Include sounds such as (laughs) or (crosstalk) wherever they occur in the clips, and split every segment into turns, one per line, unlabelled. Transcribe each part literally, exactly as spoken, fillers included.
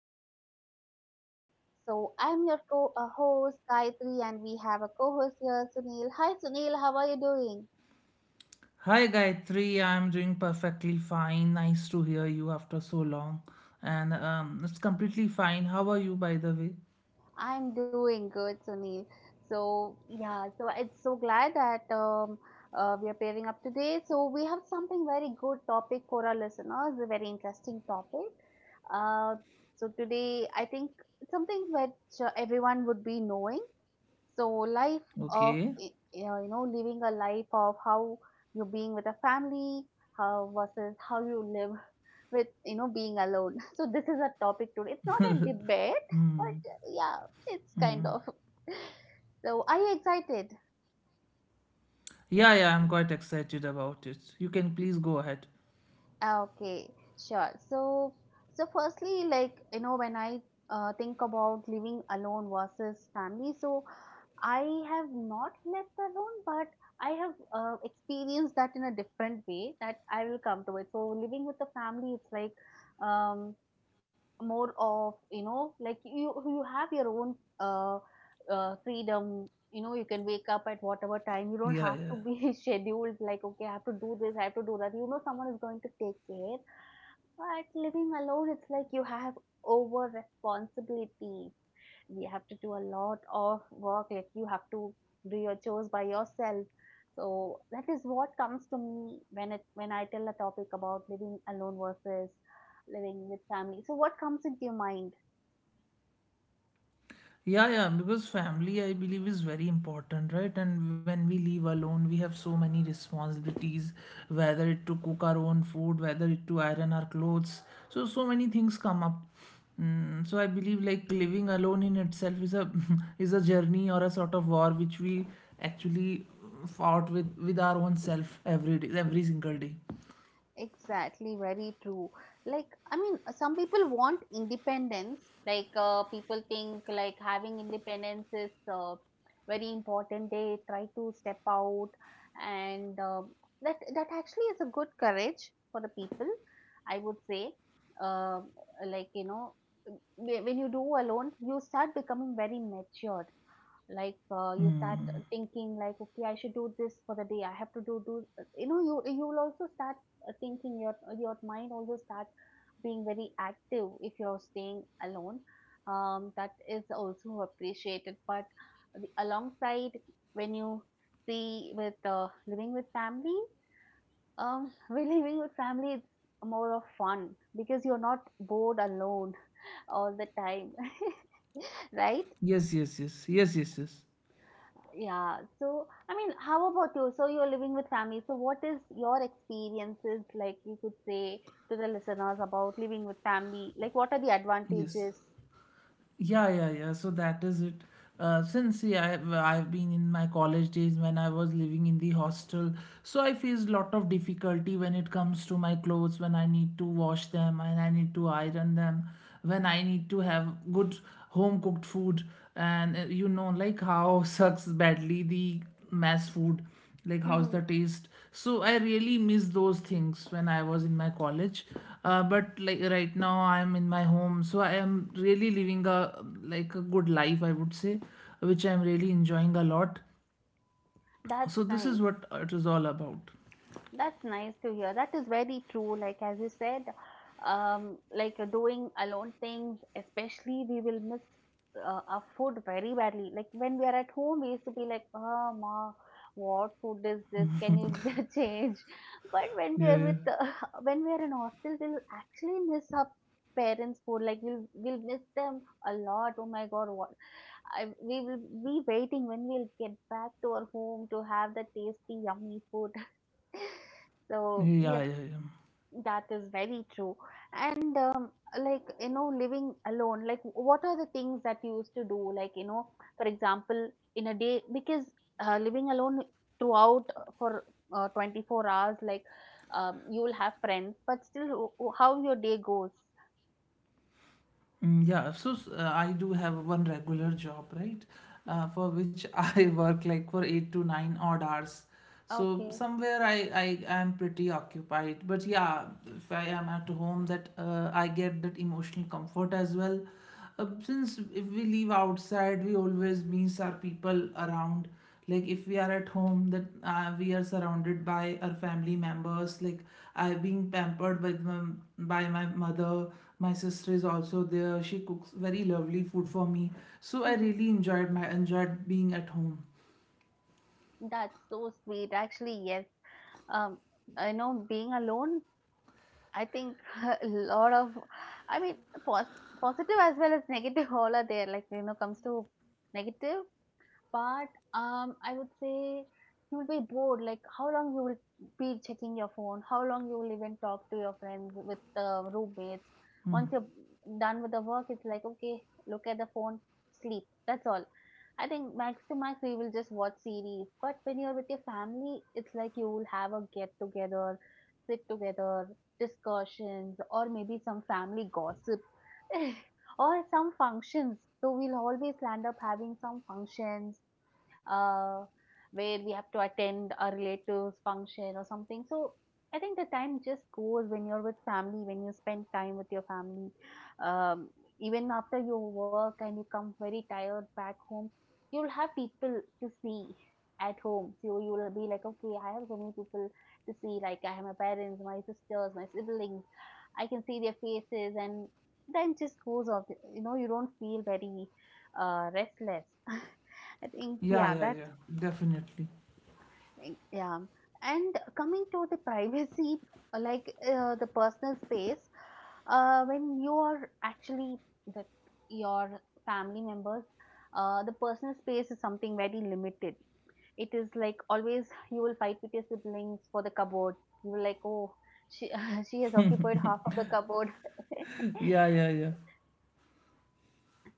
our interesting topic. So I'm your co uh, host Gayatri, and we have a co-host here Sunil. Hi Sunil, how are you doing?
Hi Gayatri, I'm doing perfectly fine. Nice to hear you after so long. And um, it's completely fine. How are you, by the way?
I'm doing good Sunil. So yeah, so it's so glad that um, uh, we are pairing up today. So we have something very good topic for our listeners, a very interesting topic. Uh, so today I think it's something which uh, everyone would be knowing, so life of
Okay.
y- uh, you know, living a life of how you being with a family, how versus how you live (laughs) with you know being alone (laughs) so this is a topic today, it's not a debate, but yeah, it's kind of (laughs) so are you excited?
Yeah, yeah, I'm quite excited about it. You can please go ahead.
Ah, okay, sure. So so firstly, like you know, when i uh, think about living alone versus family. So I have not left alone, but I have uh, experienced that in a different way that I will come to it. So living with the family, it's like um, more of, you know, like you you have your own uh, uh, freedom. You know, you can wake up at whatever time. You don't
Yeah,
have to
yeah.
be (laughs) scheduled. Like okay, I have to do this, I have to do that. You know, someone is going to take care. But living alone, it's like you have over responsibility, we have to do a lot of work. Like you have to do your chores by yourself. So that is what comes to me when it when I tell a topic about living alone versus living with family. So what comes into your mind?
Yeah, yeah, because family, I believe, is very important, right? And when we live alone, we have so many responsibilities, whether it to cook our own food, whether it to iron our clothes. So, so many things come up. Mm, so I believe like living alone in itself is a (laughs) is a journey or a sort of war which we actually fought with with our own self every day, every single day.
Exactly, very true. Like, I mean, some people want independence. Like, uh, people think like having independence is uh, very important. They try to step out, and uh, that that actually is a good courage for the people, I would say. Um like you know, wh- when you do alone, you start becoming very matured. Like uh, you start thinking like okay, I should do this for the day, I have to do do You know, you you will also start uh, thinking, your your mind also start being very active if you're staying alone. Um, that is also appreciated. But the, alongside when you see with uh, living with family, um (laughs) when living with family, it's more of fun because you're not bored alone all the time. (laughs) Right?
Yes, yes, yes, yes, yes, yes,
Yeah. So, I mean, how about you? So you're living with family. So what is your experiences? Like you could say to the listeners about living with family. Like, what are the
yes.
advantages?
Yeah, yeah, yeah. So that is it. Uh, since yeah, I've, I've been in my college days when I was living in the hostel, so I faced lot of difficulty when it comes to my clothes, when I need to wash them and I need to iron them, when I need to have good home cooked food, and uh, you know like how (laughs) sucks badly the mass food like how's the
Mm-hmm.
taste. So I really miss those things when I was in my college. Uh, but like right now I'm in my home, so I am really living a like a good life I would say, which I'm really enjoying a lot.
That's
So this
nice.
is what it is all about.
That's nice to hear. That is very true. Like as you said, um, like uh, doing alone things, especially we will miss uh, our food very badly. Like when we are at home, we used to be like, "Ah, ma, what food is this? Can you (laughs) change?" But when we
Yeah,
are
yeah.
with, uh, (laughs) when we are in hostel, we'll actually miss our parents' food. Like we'll we'll miss them a lot. Oh my God, what? I We will be waiting when we'll get back to our home to have the tasty, yummy food. (laughs) So yes,
Yeah, yeah, yeah.
that is very true. And um, like you know, living alone, like what are the things that you used to do, like you know, for example, in a day? Because uh, living alone throughout, uh, for uh, twenty-four hours, like um, you will have friends, but still, w- w- how your day goes?
Mm, Yeah, so s- uh, I do have one regular job, right? Uh, for which (laughs) I work like for eight to nine odd hours. So
Okay.
somewhere I, I am pretty occupied. But yeah, if I am at home, that uh, I get that emotional comfort as well. Uh, since if we leave outside, we always miss our people around. Like if we are at home, that uh, we are surrounded by our family members, like I being pampered with my, by my mother. My sister is also there, she cooks very lovely food for me, so I
(laughs)
really enjoyed my enjoyed being at home.
That's so sweet actually. Yes. um I know being alone, I think (laughs) a lot of, I mean, pos- positive as well as negative, all are there. Like, you know, comes to negative, but um, I would say you'll be bored. Like, how long you will be checking your phone? How long you will even talk to your friends with uh, roommates? Once you're done with the work, it's like, okay, look at the phone, sleep. That's all. I think max to max we will just watch series. But when you're with your family, it's like you will have a get together, sit together, discussions, or maybe some family gossip. (laughs) Or some functions. So we'll always land up having some functions uh, where we have to attend a relative's function or something. So I think the time just goes when you're with family, when you spend time with your family. Um, Even after your work, and you come very tired back home, you'll have people to see at home. So you will be like, okay, I have so many people to see. Like I have my parents, my sisters, my siblings. I can see their faces, and then just goes off. You know, you don't feel very uh, restless. (laughs) I think
Yeah,
yeah,
yeah,
that
yeah. Definitely.
yeah. And coming to the privacy, uh, like uh, the personal space, uh, when you are actually with your family members, uh, the personal space is something very limited. It is like always you will fight with your siblings for the cupboard. You will like, oh, she (laughs) she has occupied half of the cupboard. (laughs)
Yeah, yeah, yeah,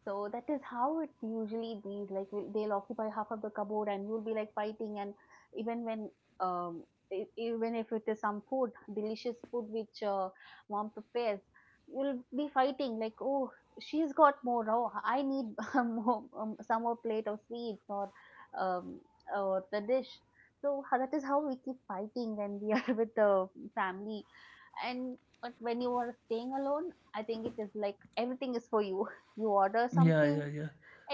So that is how it usually be. Like will- they'll occupy half of the cupboard, and you'll be like fighting. And even when um, e- even if it is some food, delicious food which uh, mom prepares, you'll be fighting. Like oh, she's got more. Oh, I need (laughs) more, um, some more plate of sweets or um, or the dish. So ho- that is how we keep fighting when we are (laughs) with the family. And but when you are staying alone, I think it is like everything is for you. (laughs) You order
yeah, yeah,
something,
yeah.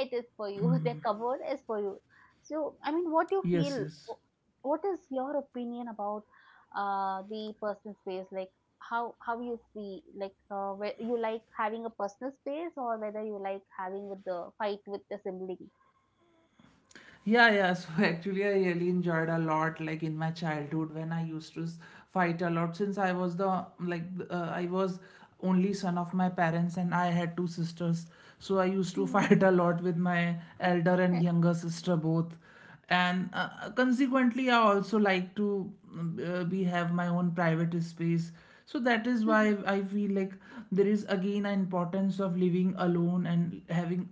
it is for you. (laughs) The cupboard is for you. So I mean, what do you feel?
Yes, yes.
Wh- what is your opinion about uh the personal space? Like how how you see, like uh, whe- you like having a personal space, or whether you like having with the fight with the sibling?
Yeah, yeah. So (laughs) actually, I really enjoyed a lot, like in my childhood when I used to s- fight a lot. Since I was the like uh, I was only son of my parents, and I had two sisters, so I used to (laughs)
Mhm.
fight a lot with my elder and
Okay.
younger sister both. And uh, uh, consequently, I also like to um, uh, be have my own private space. So that is
Mhm.
why I feel like there is again an importance of living alone and having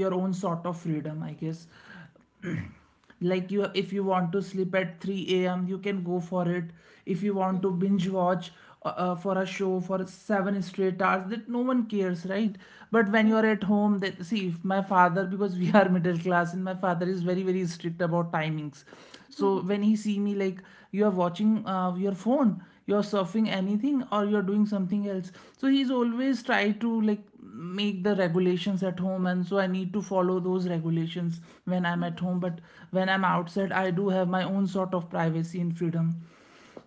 your own sort of freedom, I guess. Like you if you want to sleep at three a m, you can go for it. If you want to
Mhm.
binge watch uh, uh, for a show for seven straight hours, that no one cares, right? But when you are
Mhm.
at home, that see if my father, because we are middle class and my father is very very strict about timings, so
Mhm.
when he see me like you are watching uh, your phone, you are surfing anything, or you are doing something else. So he's always try to like make the regulations at home, and so I need to follow those regulations when I'm at
Mhm.
home. But when I'm outside, I do have my own sort of privacy and freedom.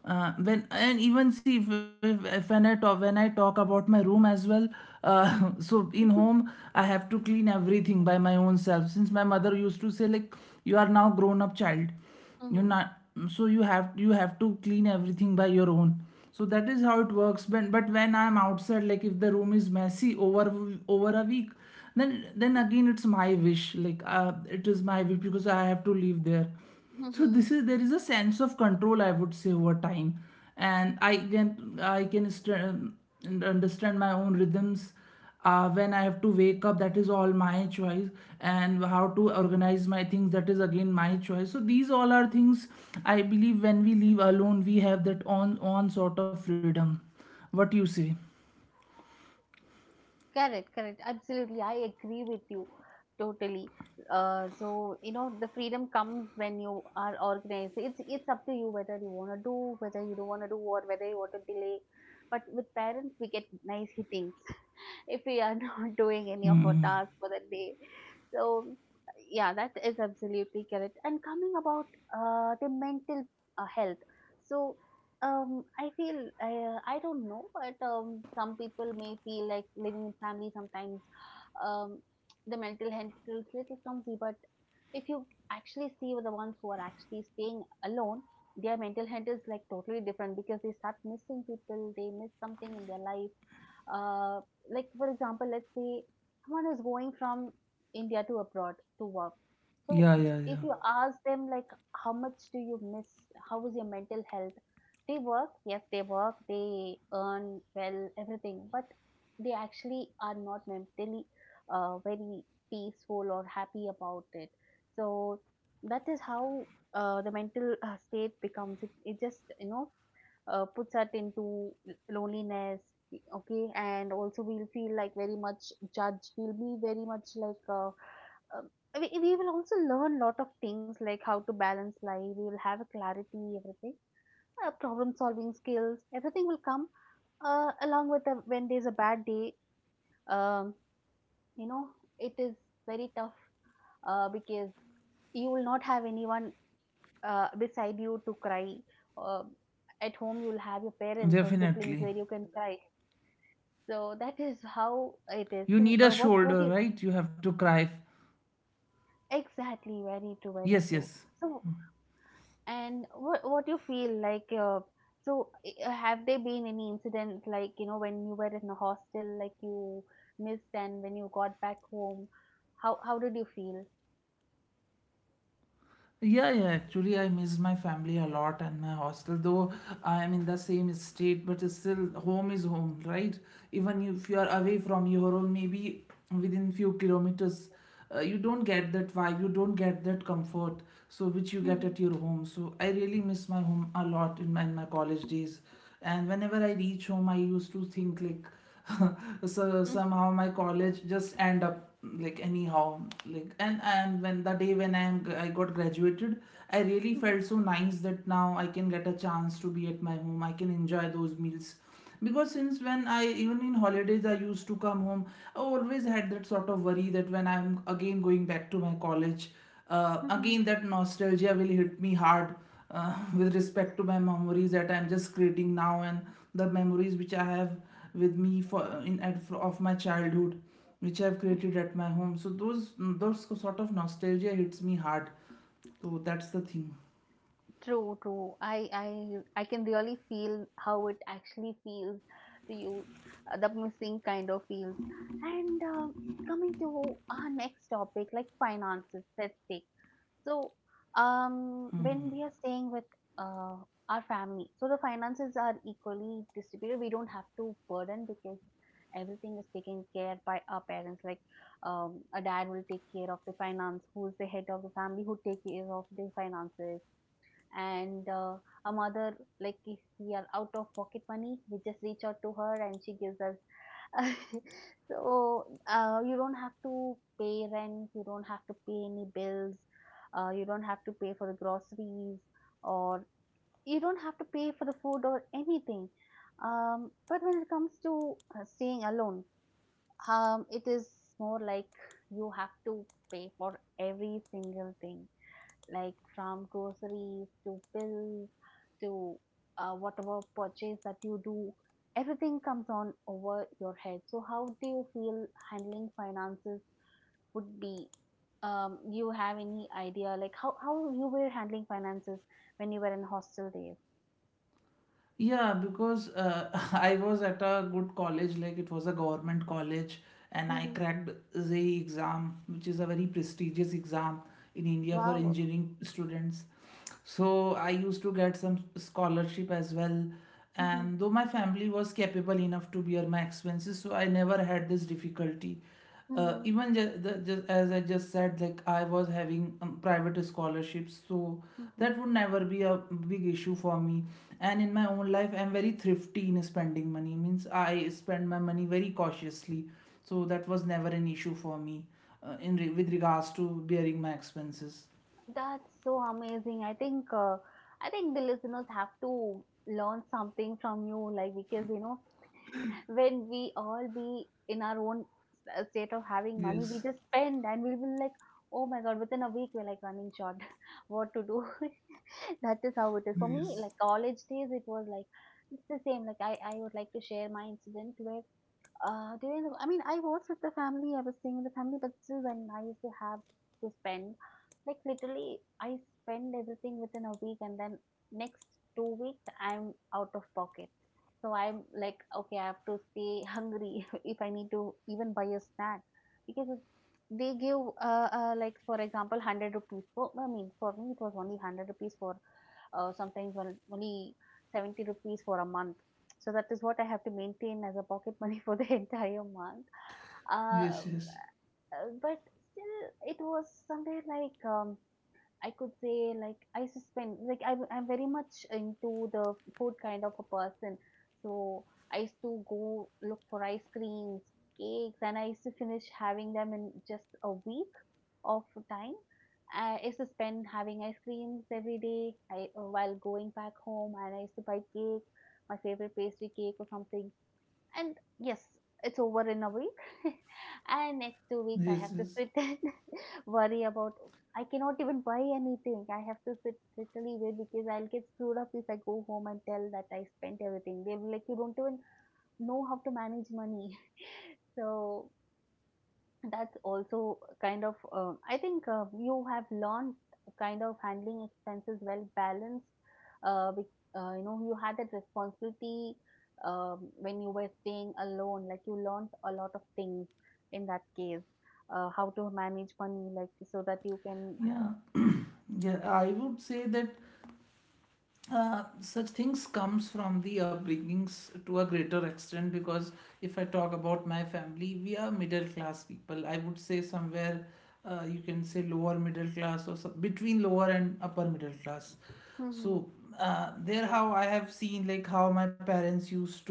uh, When and even see if, if, if when I talk when I talk about my room as well. Uh, (laughs) so in
Mhm.
home, I have to clean everything by my own self. Since my mother used to say like, "You are now grown up child, you're
Mhm.
not, so you have you have to clean everything by your own." So that is how it works when, but when I'm outside, like if the room is messy over over a week, then then again it's my wish. Like uh, it is my wish because I have to live there. So
Mhm.
this is there is a sense of control I would say over time, and i can i can str- understand my own rhythms. Uh, when I have to wake up, that is all my choice, and how to organize my things, that is again my choice. So these all are things I believe when we live alone, we have that on on sort of freedom. What you say?
Correct, correct. Absolutely. I agree with you totally. Uh, so you know, the freedom comes when you are organized. It's it's up to you whether you want to do, whether you don't want to do, or whether you want to delay. But with parents, we get nice hittings (laughs) if we are (laughs) not doing any of our tasks for the day. So yeah, that is absolutely correct. And coming about uh, the mental uh, health. So um, I feel I uh, I don't know, but um, some people may feel like living in family sometimes, um, the mental health feels little clumsy. But if you actually see the ones who are actually staying alone, their mental health is like totally different because they start missing people. They miss something in their life. Uh, like for example, let's say someone is going from India to abroad to work. So
Yeah, yeah,
if
yeah.
you Mm. ask them like, how much do you miss? How is your mental health? They work, yes, they work, they earn well, everything, but they actually are not mentally uh, very peaceful or happy about it. So that is how uh, the mental uh, state becomes. It, it just, you know, uh, puts us into l- loneliness, okay, and also we'll feel like very much judged. We'll be very much like uh, um, we, we will also learn lot of things, like how to balance life. We will have a clarity, everything, uh, problem solving skills, everything will come uh, along with the, when there's a bad day. um, you know, it is very tough uh, because you will not have anyone uh, beside you to cry. uh, at home, you'll have your parents or siblings
Definitely.
where you can cry. So that is how it is.
You
So
need a
uh, what what do
shoulder,
you
right? You have to cry.
exactly very true very
Yes,
true
yes.
so. And what what you feel like? Uh, so uh, have there been any incident, like you know, when you were in a hostel, like you missed, and when you got back home, how how did you feel?
Yeah, yeah, actually, I miss my family a lot and my hostel, though I am in the same state, but still, home is home, right? Even if you are away from your home, maybe within few kilometers, uh, you don't get that vibe, you don't get that comfort, so which you get
Mhm.
at your home. So I really miss my home a lot in my, in my college days, and whenever I reach home, I used to think like (laughs) so
Mm.
somehow my college just end up like anyhow like. And and when the day when i am I got graduated, I really
Mhm.
felt so nice that now I can get a chance to be at my home, I can enjoy those meals. Because since when I even in holidays I used to come home, I always had that sort of worry that when I'm again going back to my college, uh,
Mhm.
again, that nostalgia will hit me hard, uh, (laughs) with respect to my memories that I'm just creating now, and the memories which I have with me for in at of my childhood, which I've
Mhm.
created at my home. So those those sort of nostalgia hits me hard. So that's the thing.
True, true. I I I can really feel how it actually feels to you, uh, the missing kind of feels. And um, coming to our next topic, like finances, let's take. So um, when we are staying with uh, our family, so the finances are equally distributed. We don't have to burden because everything is taken care by our parents. Like um, a dad will take care of the finance, who's the head of the family, who take care of the finances, and uh, a mother. Like, if we are out of pocket money, we just reach out to her, and she gives us. (laughs) So, uh, you don't have to pay rent, you don't have to pay any bills, uh, you don't have to pay for the groceries, or you don't have to pay for the food or anything. Um, but when it comes to uh, staying alone, um, it is more like you have to pay for every single thing, like from groceries to bills to uh, whatever purchase that you do. Everything comes on over your head. So how do you feel handling finances would be... um, you have any idea like how, how you were handling finances when you were in hostel days?
Yeah, because uh, (laughs) I was at a good college, like it was a government college, and I
Mm-hmm.
cracked the exam, which is a very prestigious exam in India for
Wow.
engineering students. So I used to get some scholarship as well.
Mm-hmm.
And though my family was capable enough to bear my expenses, so I never had this difficulty. Uh,
Mm-hmm.
even just, the, just as I just said, like I was having um, private scholarships, so
Mhm.
that would never be a big issue for me. And in my own life, I'm very thrifty in spending money, means I spend my money very cautiously. So that was never an issue for me, uh, in re- with regards to bearing my expenses.
That's so amazing. I think uh, I think the listeners have to learn something from you, like, because you know when we all be in our own uh, state of having money, we
Yes,
just spend and we will like, oh my god, within a week we're like running short. (laughs) What to do? (laughs) That is how it is. For me,
yes.
like college days, it was like, it's the same. Like, I, I would like to share my incident where uh, during the, I mean, I was with the family, I was staying with the family, but still when I used to have to spend, like literally, I spend everything within a week and then next two weeks, I'm out of pocket. So I'm like, okay, I have to stay hungry (laughs) if I need to even buy a snack, because it, they give, uh, uh, like for example, one hundred rupees. For, I mean, for me, it was only one hundred rupees for, uh, sometimes well, only seventy rupees for a month. So that is what I have to maintain as a pocket money for the (laughs) entire month. Uh, uh,
Yes, yes.
but still, it was somewhere like, um, I could say like I used to spend like I'm I'm very much into the food kind of a person. So I used to go look for ice creams, cakes, and I used to finish having them in just a week of time. I used to spend having ice creams every day I, while going back home, and I used to buy cake, my favorite pastry cake or something. And yes, it's over in a week. (laughs) And next two weeks, I
Yes,
have to
yes.
sit and (laughs) worry about. I cannot even buy anything. I have to sit literally wait because I'll get screwed up if I go home and tell that I spent everything. They'll be like, you don't even know how to manage money. (laughs) So that's also kind of um, I think uh, you have learned kind of handling expenses well balanced uh, with, uh, you know you had that responsibility um, when you were staying alone, like you learned a lot of things in that case uh, how to manage money, like so that you can...
Yeah. (clears throat) Yeah, I would say that uh, such things comes from the upbringings to a greater extent, because if I talk about my family, we are middle class people I would say. Somewhere uh, you can say lower middle class or some, between lower and upper middle class.
Hmm.
So uh, there how I have seen, like how my parents used to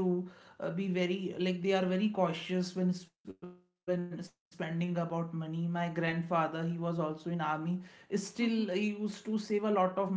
uh, be very like they are very cautious when s- when spending about money. My grandfather, he was also in army, still he used to
Hmm.
save a lot of money. Like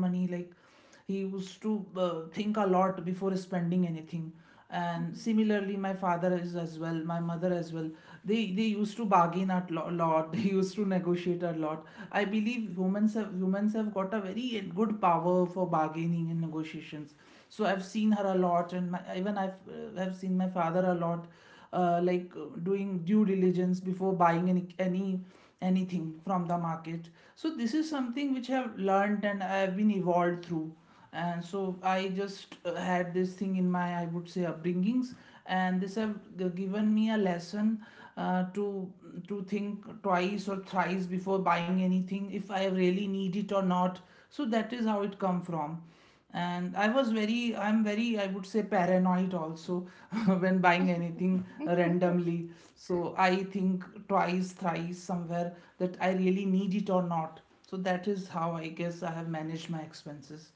he used to uh, think a lot before spending anything. And similarly my father is as well, my mother as well. They they used to bargain a lo- lot. (laughs) They used to negotiate a lot. I believe humans have humans have got a very good power for bargaining and negotiations. So I've seen her a lot, and my, even I've uh, have seen my father a lot, uh, like uh, doing due diligence before buying any any anything from the market. So this is something which I have learned and I have been evolved through. And so I just uh, had this thing in my, I would say, upbringings. And this have g- given me a lesson uh, to to think twice or thrice before buying anything, if I really need it or not. So that is how it come from. And i was very i'm very I would say paranoid also, (laughs) when buying anything
Hmm.
randomly. So I think twice thrice somewhere that I really need it or not. So that is how I guess I have managed my expenses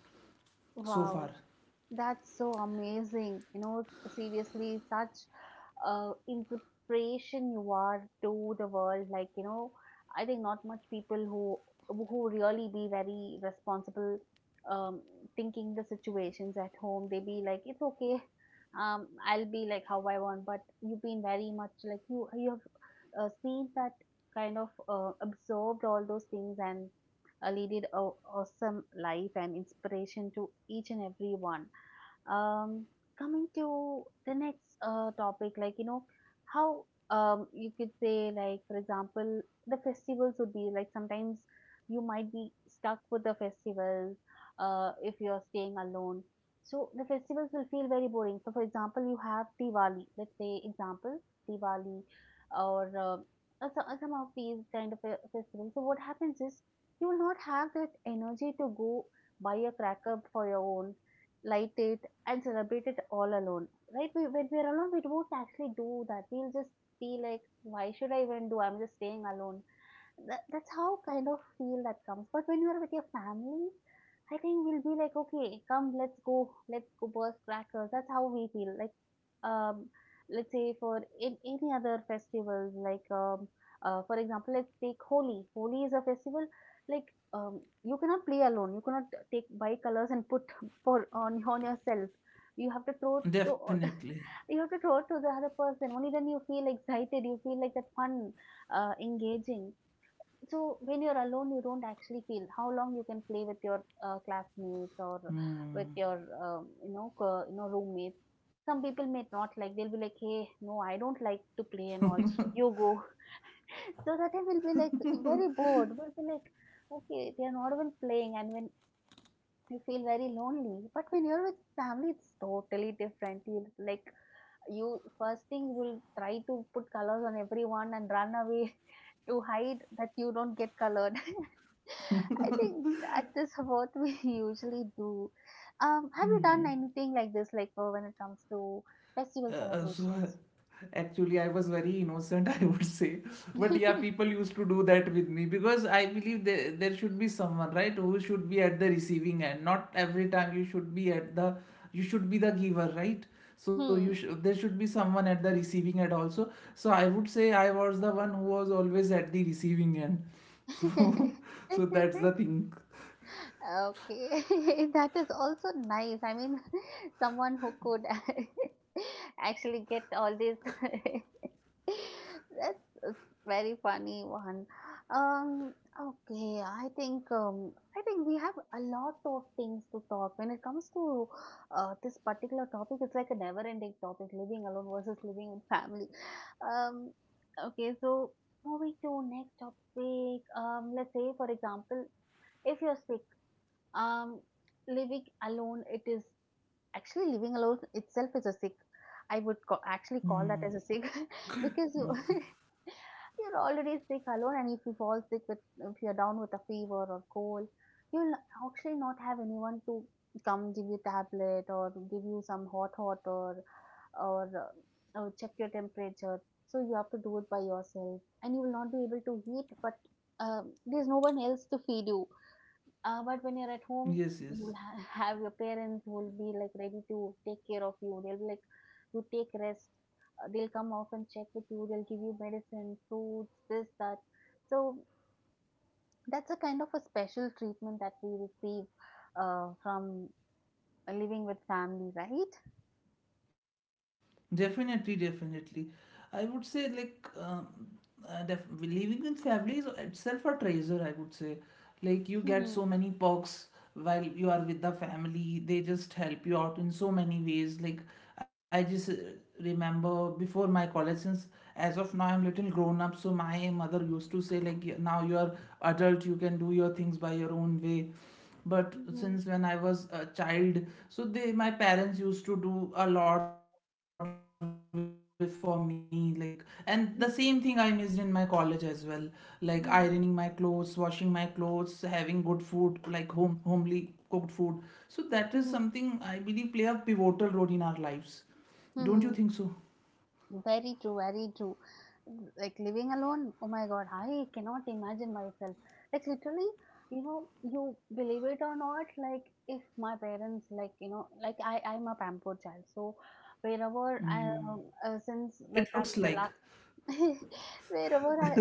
so
Wow,
far.
that's so amazing, you know. Seriously, such uh, inspiration you are to the world, like you know. I think not much people who who really be very responsible, um, thinking the situations at home they be like it's okay. um, I'll be like how I want, but you've been very much like you you have uh, seen that kind of uh, absorbed all those things and uh, leaded a awesome life and inspiration to each and every one. um, Coming to the next uh, topic, like, you know, how um, you could say, like, for example, the festivals would be like sometimes you might be stuck with the festivals uh, if you're staying alone. So the festivals will feel very boring. So, for example, you have Diwali, let's say, example, Diwali or uh, uh, so- uh, some of these kind of uh, festivals. So, what happens is you will not have that energy to go buy a cracker for your own, light it, and celebrate it all alone, right? We, when we're alone, we don't actually do that. We'll just be like, why should I even do? I'm just staying alone. That that's how kind of feel that comes. But when you are with your family, I think we'll be like, okay, come, let's go, let's go burst crackers. That's how we feel. Like, um, let's say for in any other festivals, like, um, uh, for example, let's take Holi. Holi is a festival like, um, you cannot play alone. You cannot take bicolors and put (laughs) for on on yourself. You have to throw to
Definitely.
(laughs) you have to throw to the other person. Only then you feel excited. You feel like that fun, uh, engaging. So when you're alone, you don't actually feel how long you can play with your uh, classmates or with
Hmm.
your um, you know co- you know roommates. Some people may not like. They'll be like, "Hey, no, I don't like to play and all. You go." (laughs) So that I will be like very bored. We'll be like, "Okay, they are not even playing," and when you feel very lonely. But when you're with family, it's totally different. You like you first thing will try to put colors on everyone and run away (laughs) to hide that you don't get colored. (laughs) I think that is what we (laughs) usually do. Um, have you done anything like this, like uh, when it comes to
Uh,
festival
uh, (laughs) so
celebrations?
actually I was very innocent, (laughs) I would say. But yeah,
(laughs)
people used to do that with me, because I believe there, there should be someone right who should be at the receiving end. Not every time you should be at the, you should be the giver, right? So you
Hmm.
sh- there should be someone at the receiving end also. So I would say I was the one who was always at the receiving end. So (laughs) so that's the
(laughs)
thing.
Okay, (laughs) that is also nice. I mean, (laughs) someone who could (laughs) actually get all this. (laughs) That's a very funny one. Um, okay, I think um, I think we have a lot of things to talk when it comes to uh, this particular topic. It's like a never-ending topic: living alone versus living with family. Um, okay, so moving to next topic. Um, let's say, for example, if you're sick, um, living alone, it is... actually living alone itself is a sick. I would ca- actually call that as a sick (laughs) because you (laughs) you're already sick alone, and if you fall sick with if you're down with a fever or cold, you'll actually not have anyone to come give you tablet or give you some hot water or or, uh, or check your temperature. So you have to do it by yourself, and you will not be able to eat, but um, there's no one else to feed you. Uh, but when you're at home,
Yes, yes.
you'll ha- (laughs) have your parents who will be like ready to take care of you. They'll be like, you take rest. Uh, they'll come out and check with you. They'll give you medicine, fruits, this, that. So that's a kind of a special treatment that we receive uh, from living with family, right?
Definitely, definitely. I would say like um, uh, def- living in families itself a treasure. I would say, like you get so
Mhm.
many perks while you are with the family. They just help you out in so many ways. Like I just uh, remember before my college. Since as of now I'm little grown up, so my mother used to say like, "Y- now you are adult, you can do your things by your own way." But
Mhm.
since when I was a child, so they my parents used to do a lot with- for me, like, and the same thing I missed in my college as well,
Mhm.
like ironing my clothes, washing my
Mhm.
clothes, having good food like home, homely cooked food. So that is something I believe play a
Mhm.
pivotal role in our lives, don't you think so?
Mhm. Very true, very true. Like living alone, oh my god, I cannot imagine myself. Like literally, you know, you believe it or not, like if my parents, like you know, like I, I'm a pampered child, so wherever I,
Mm.
uh, since
It
like I'm
looks
the
like
last, (laughs) wherever I,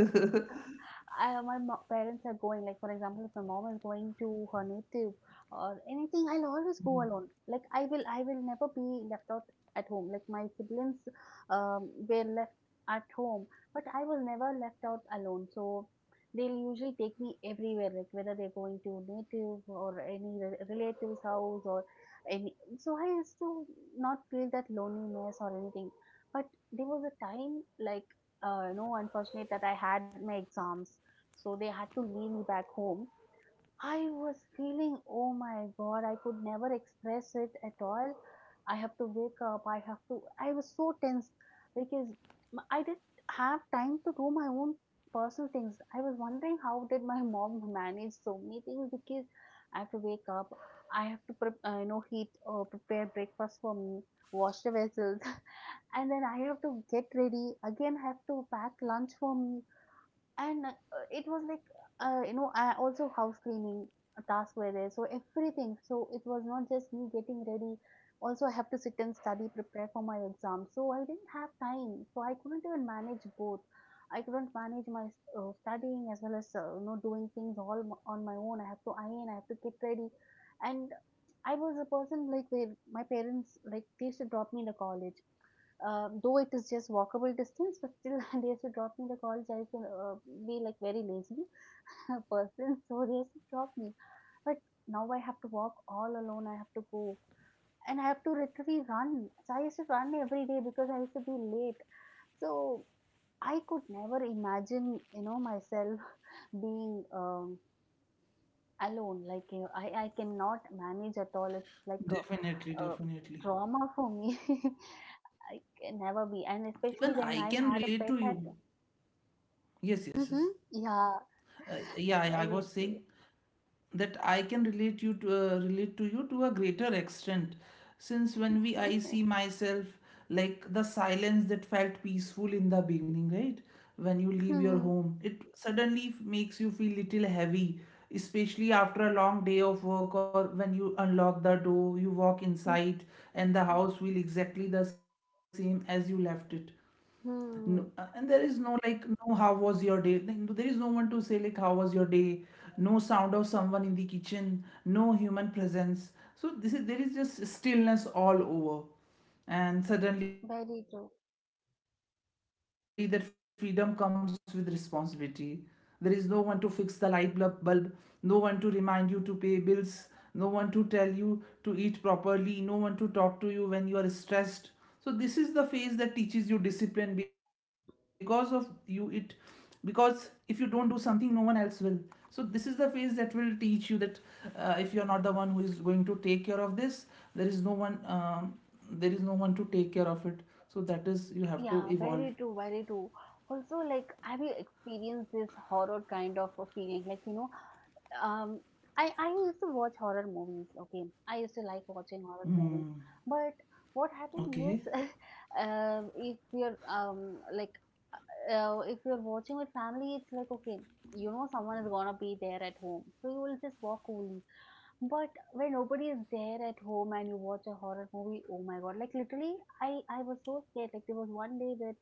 I, my mo- parents are going, like for example, if my mom is going to her native or anything, I'll always go alone. Like I will, I will never be left out at home. Like my siblings um, were left at home. But I was never left out alone. So they'll usually take me everywhere, like whether they're going to native or any re- relative's house or any. So I used to not feel that loneliness or anything. But there was a time, like, uh, you know, unfortunate that I had my exams. So they had to leave me back home. I was feeling, oh my God, I could never express it at all. I have to wake up. I have to. I was so tense because m- I didn't have time to do my own personal things. I was wondering how did my (laughs) mom manage so many things because I have to wake up. I have to, prep, uh, you know, heat or prepare breakfast for me, wash the vessels, (laughs) and then I have to get ready. Again, I have to pack lunch for me, and uh, it was like uh, you know I also house cleaning tasks were there. So everything. So it was not just me getting ready. Also I have to sit and study, prepare for my exam, so I didn't have time, so I couldn't even manage both. I couldn't manage my uh, studying as well as uh, you know doing things all m- on my own. I have to iron, I have to get ready. And I was a person like where my parents like they used to drop me in the college, uh, though it is just walkable distance, but still (laughs) they used to drop me the college. I used to uh, be like very lazy (laughs) person, so they used to drop me. But now I have to walk all alone. I have to go, and I have to literally run. So I used to run every day because I used to be late. So I could never imagine, you know, myself (laughs) being um, alone. Like you know, I I cannot manage at all. It's like a,
definitely,
a
definitely
trauma for me. (laughs) I can never be. And
even
especially
I
when
can
I had
relate
a
to
pet
you.
at...
Yes, yes, yes.
Mm-hmm. Yeah.
uh, yeah, yeah, I
Very
was saying
true.
that I can relate you to uh, relate to you to a greater extent. Since when we I see
(laughs)
myself, like, the silence that felt peaceful in the beginning, right? When you leave your
Mm-hmm.
home, it suddenly f- makes you feel little heavy, especially after a long day of work, or when you unlock the door, you walk
Hmm.
inside and the house feel exactly the same as you left it. no, uh, and
Hmm.
there is no like no "how was your day?" Then there is no one to say like, "how was your day?" No sound of someone in the kitchen, no human presence. So this is, there is just stillness all over. And suddenly that
Very
freedom
true.
comes with responsibility. There is no one to fix the light bulb bulb, no one to remind you to pay bills, no one to tell you to eat properly, no one to talk to you when you are stressed. So this is the phase that teaches you discipline, because of you it because if you don't do something, no one else will. So this is the phase that will teach you that, uh, if you are not the one who is going to take care of this, there is no one um, there is no one to take care of it. So that is, you have to evolve.
Yeah, very true, very true. Also, like, have you experienced this horror kind of a feeling? Like, you know, um, I I used to watch horror movies. Okay, I used to like watching
Hmm.
horror movies, but what
Okay.
happens is, (laughs) um, if you're um like uh, if you're watching with family, it's like, okay, you know, someone is gonna be there at home, so you will just walk coolly. But when nobody is there at home and you watch a horror movie, oh my god, like literally, I, I was so scared. Like, there was one day where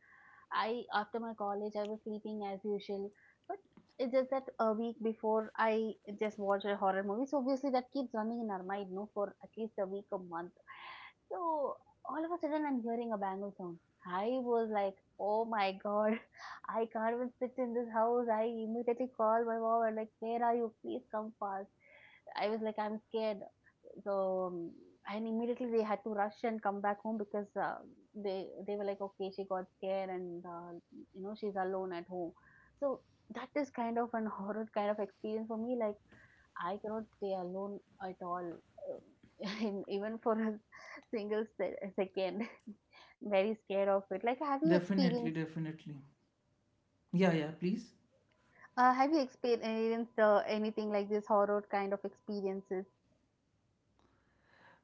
I, after my college, I was sleeping as usual, but it's just that a week before I just watched a horror movie, so obviously that keeps running in our mind, no, for at least a week, a month. So all of a sudden, I'm hearing a bangle sound. I was like, oh my god, (laughs) I can't even sit in this house. I immediately called my mom and like, where are you? Please come fast. I was like, I'm scared. So um, and immediately they had to rush and come back home because uh, they they were like, okay, she got scared and uh, you know she's alone at home. So that is kind of an (laughs) horror kind of experience for me. Like I cannot stay alone at all, uh, (laughs) in, even for a single se- second. (laughs) Very scared of it. Like, have you
Definitely,
experienced?
definitely. Yeah, yeah, please.
Uh, have you experienced uh, anything like this horror kind of experiences?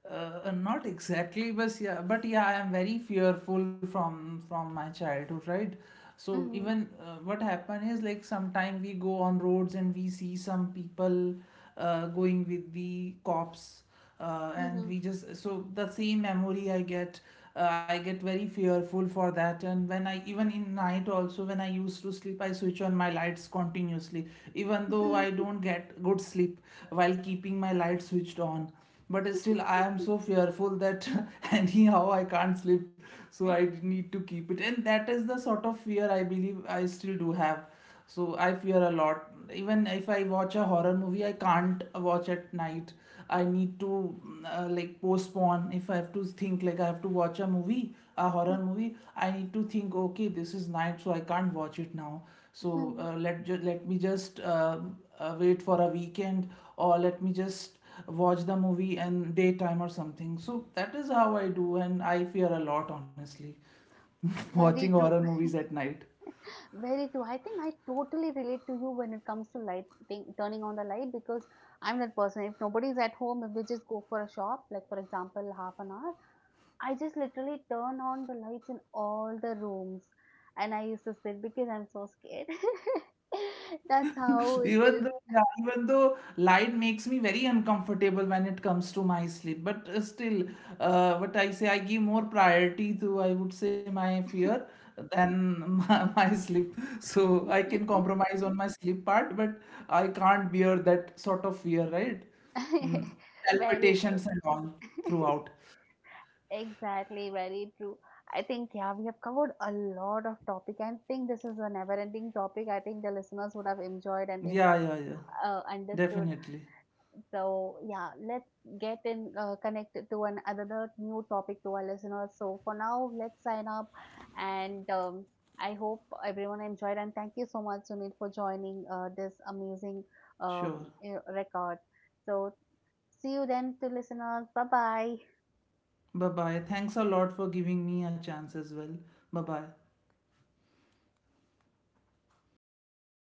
uh, uh, Not exactly, but yeah, but yeah, I am very fearful from from my childhood, right? So
Hmm.
even, uh, what happen is, like, sometime we go on roads and we see some people uh, going with the cops, uh,
Hmm.
and we just so the same memory I get. uh, I get very fearful for that. And when I, even in night also, when I used to sleep, I switch on my lights continuously, even though I
(laughs)
don't get good sleep while keeping my light switched on. But still I am so fearful that (laughs) anyhow I can't sleep, so I need to keep it. And that is the sort of fear I believe I still do have. So I fear a lot. Even if I watch a horror movie, I can't watch at night. I need to uh, like postpone. If I have to think like I have to watch a movie, a horror movie, I need to think, okay, this is night, so I can't watch it now. So uh, let ju- let me just uh, uh, wait for a weekend, or let me just watch the movie and daytime or something. So that is how I do, and I fear a lot, honestly, (laughs) watching
Very true.
horror movies at night.
Very true. I think I totally relate to you when it comes to lighting, turning on the light because I'm that person. If nobody's at home, if we just go for a shop, like for example, half an hour, I just literally turned on the lights in all the rooms and I used to sit because I'm so scared. (laughs) That's how
(laughs)
it
Even
is.
though, yeah, even though light makes me very uncomfortable when it comes to my sleep, but uh, still, uh, what I say, I give more priority to, I would say, my fear than my, (laughs) my sleep. So I can compromise on my sleep part, but I can't bear that sort of fear, right? Mm,
(laughs) Very
palpitations
true.
and all
(laughs)
throughout.
Exactly, very true. I think, yeah, we have covered a lot of topic. I think this is a never-ending topic. I think the listeners would have enjoyed and they would
Yeah,
have
yeah, yeah.
uh, understood.
Definitely.
So yeah, let's get in uh, connected to an another new topic to our listeners. So for now, let's sign up, and um, I hope everyone enjoyed. And thank you so much, Sunil, for joining uh, this amazing uh,
Sure.
you know, record. So see you then, to listeners. Bye bye.
Bye bye. Thanks a lot for giving me a chance as well. Bye bye.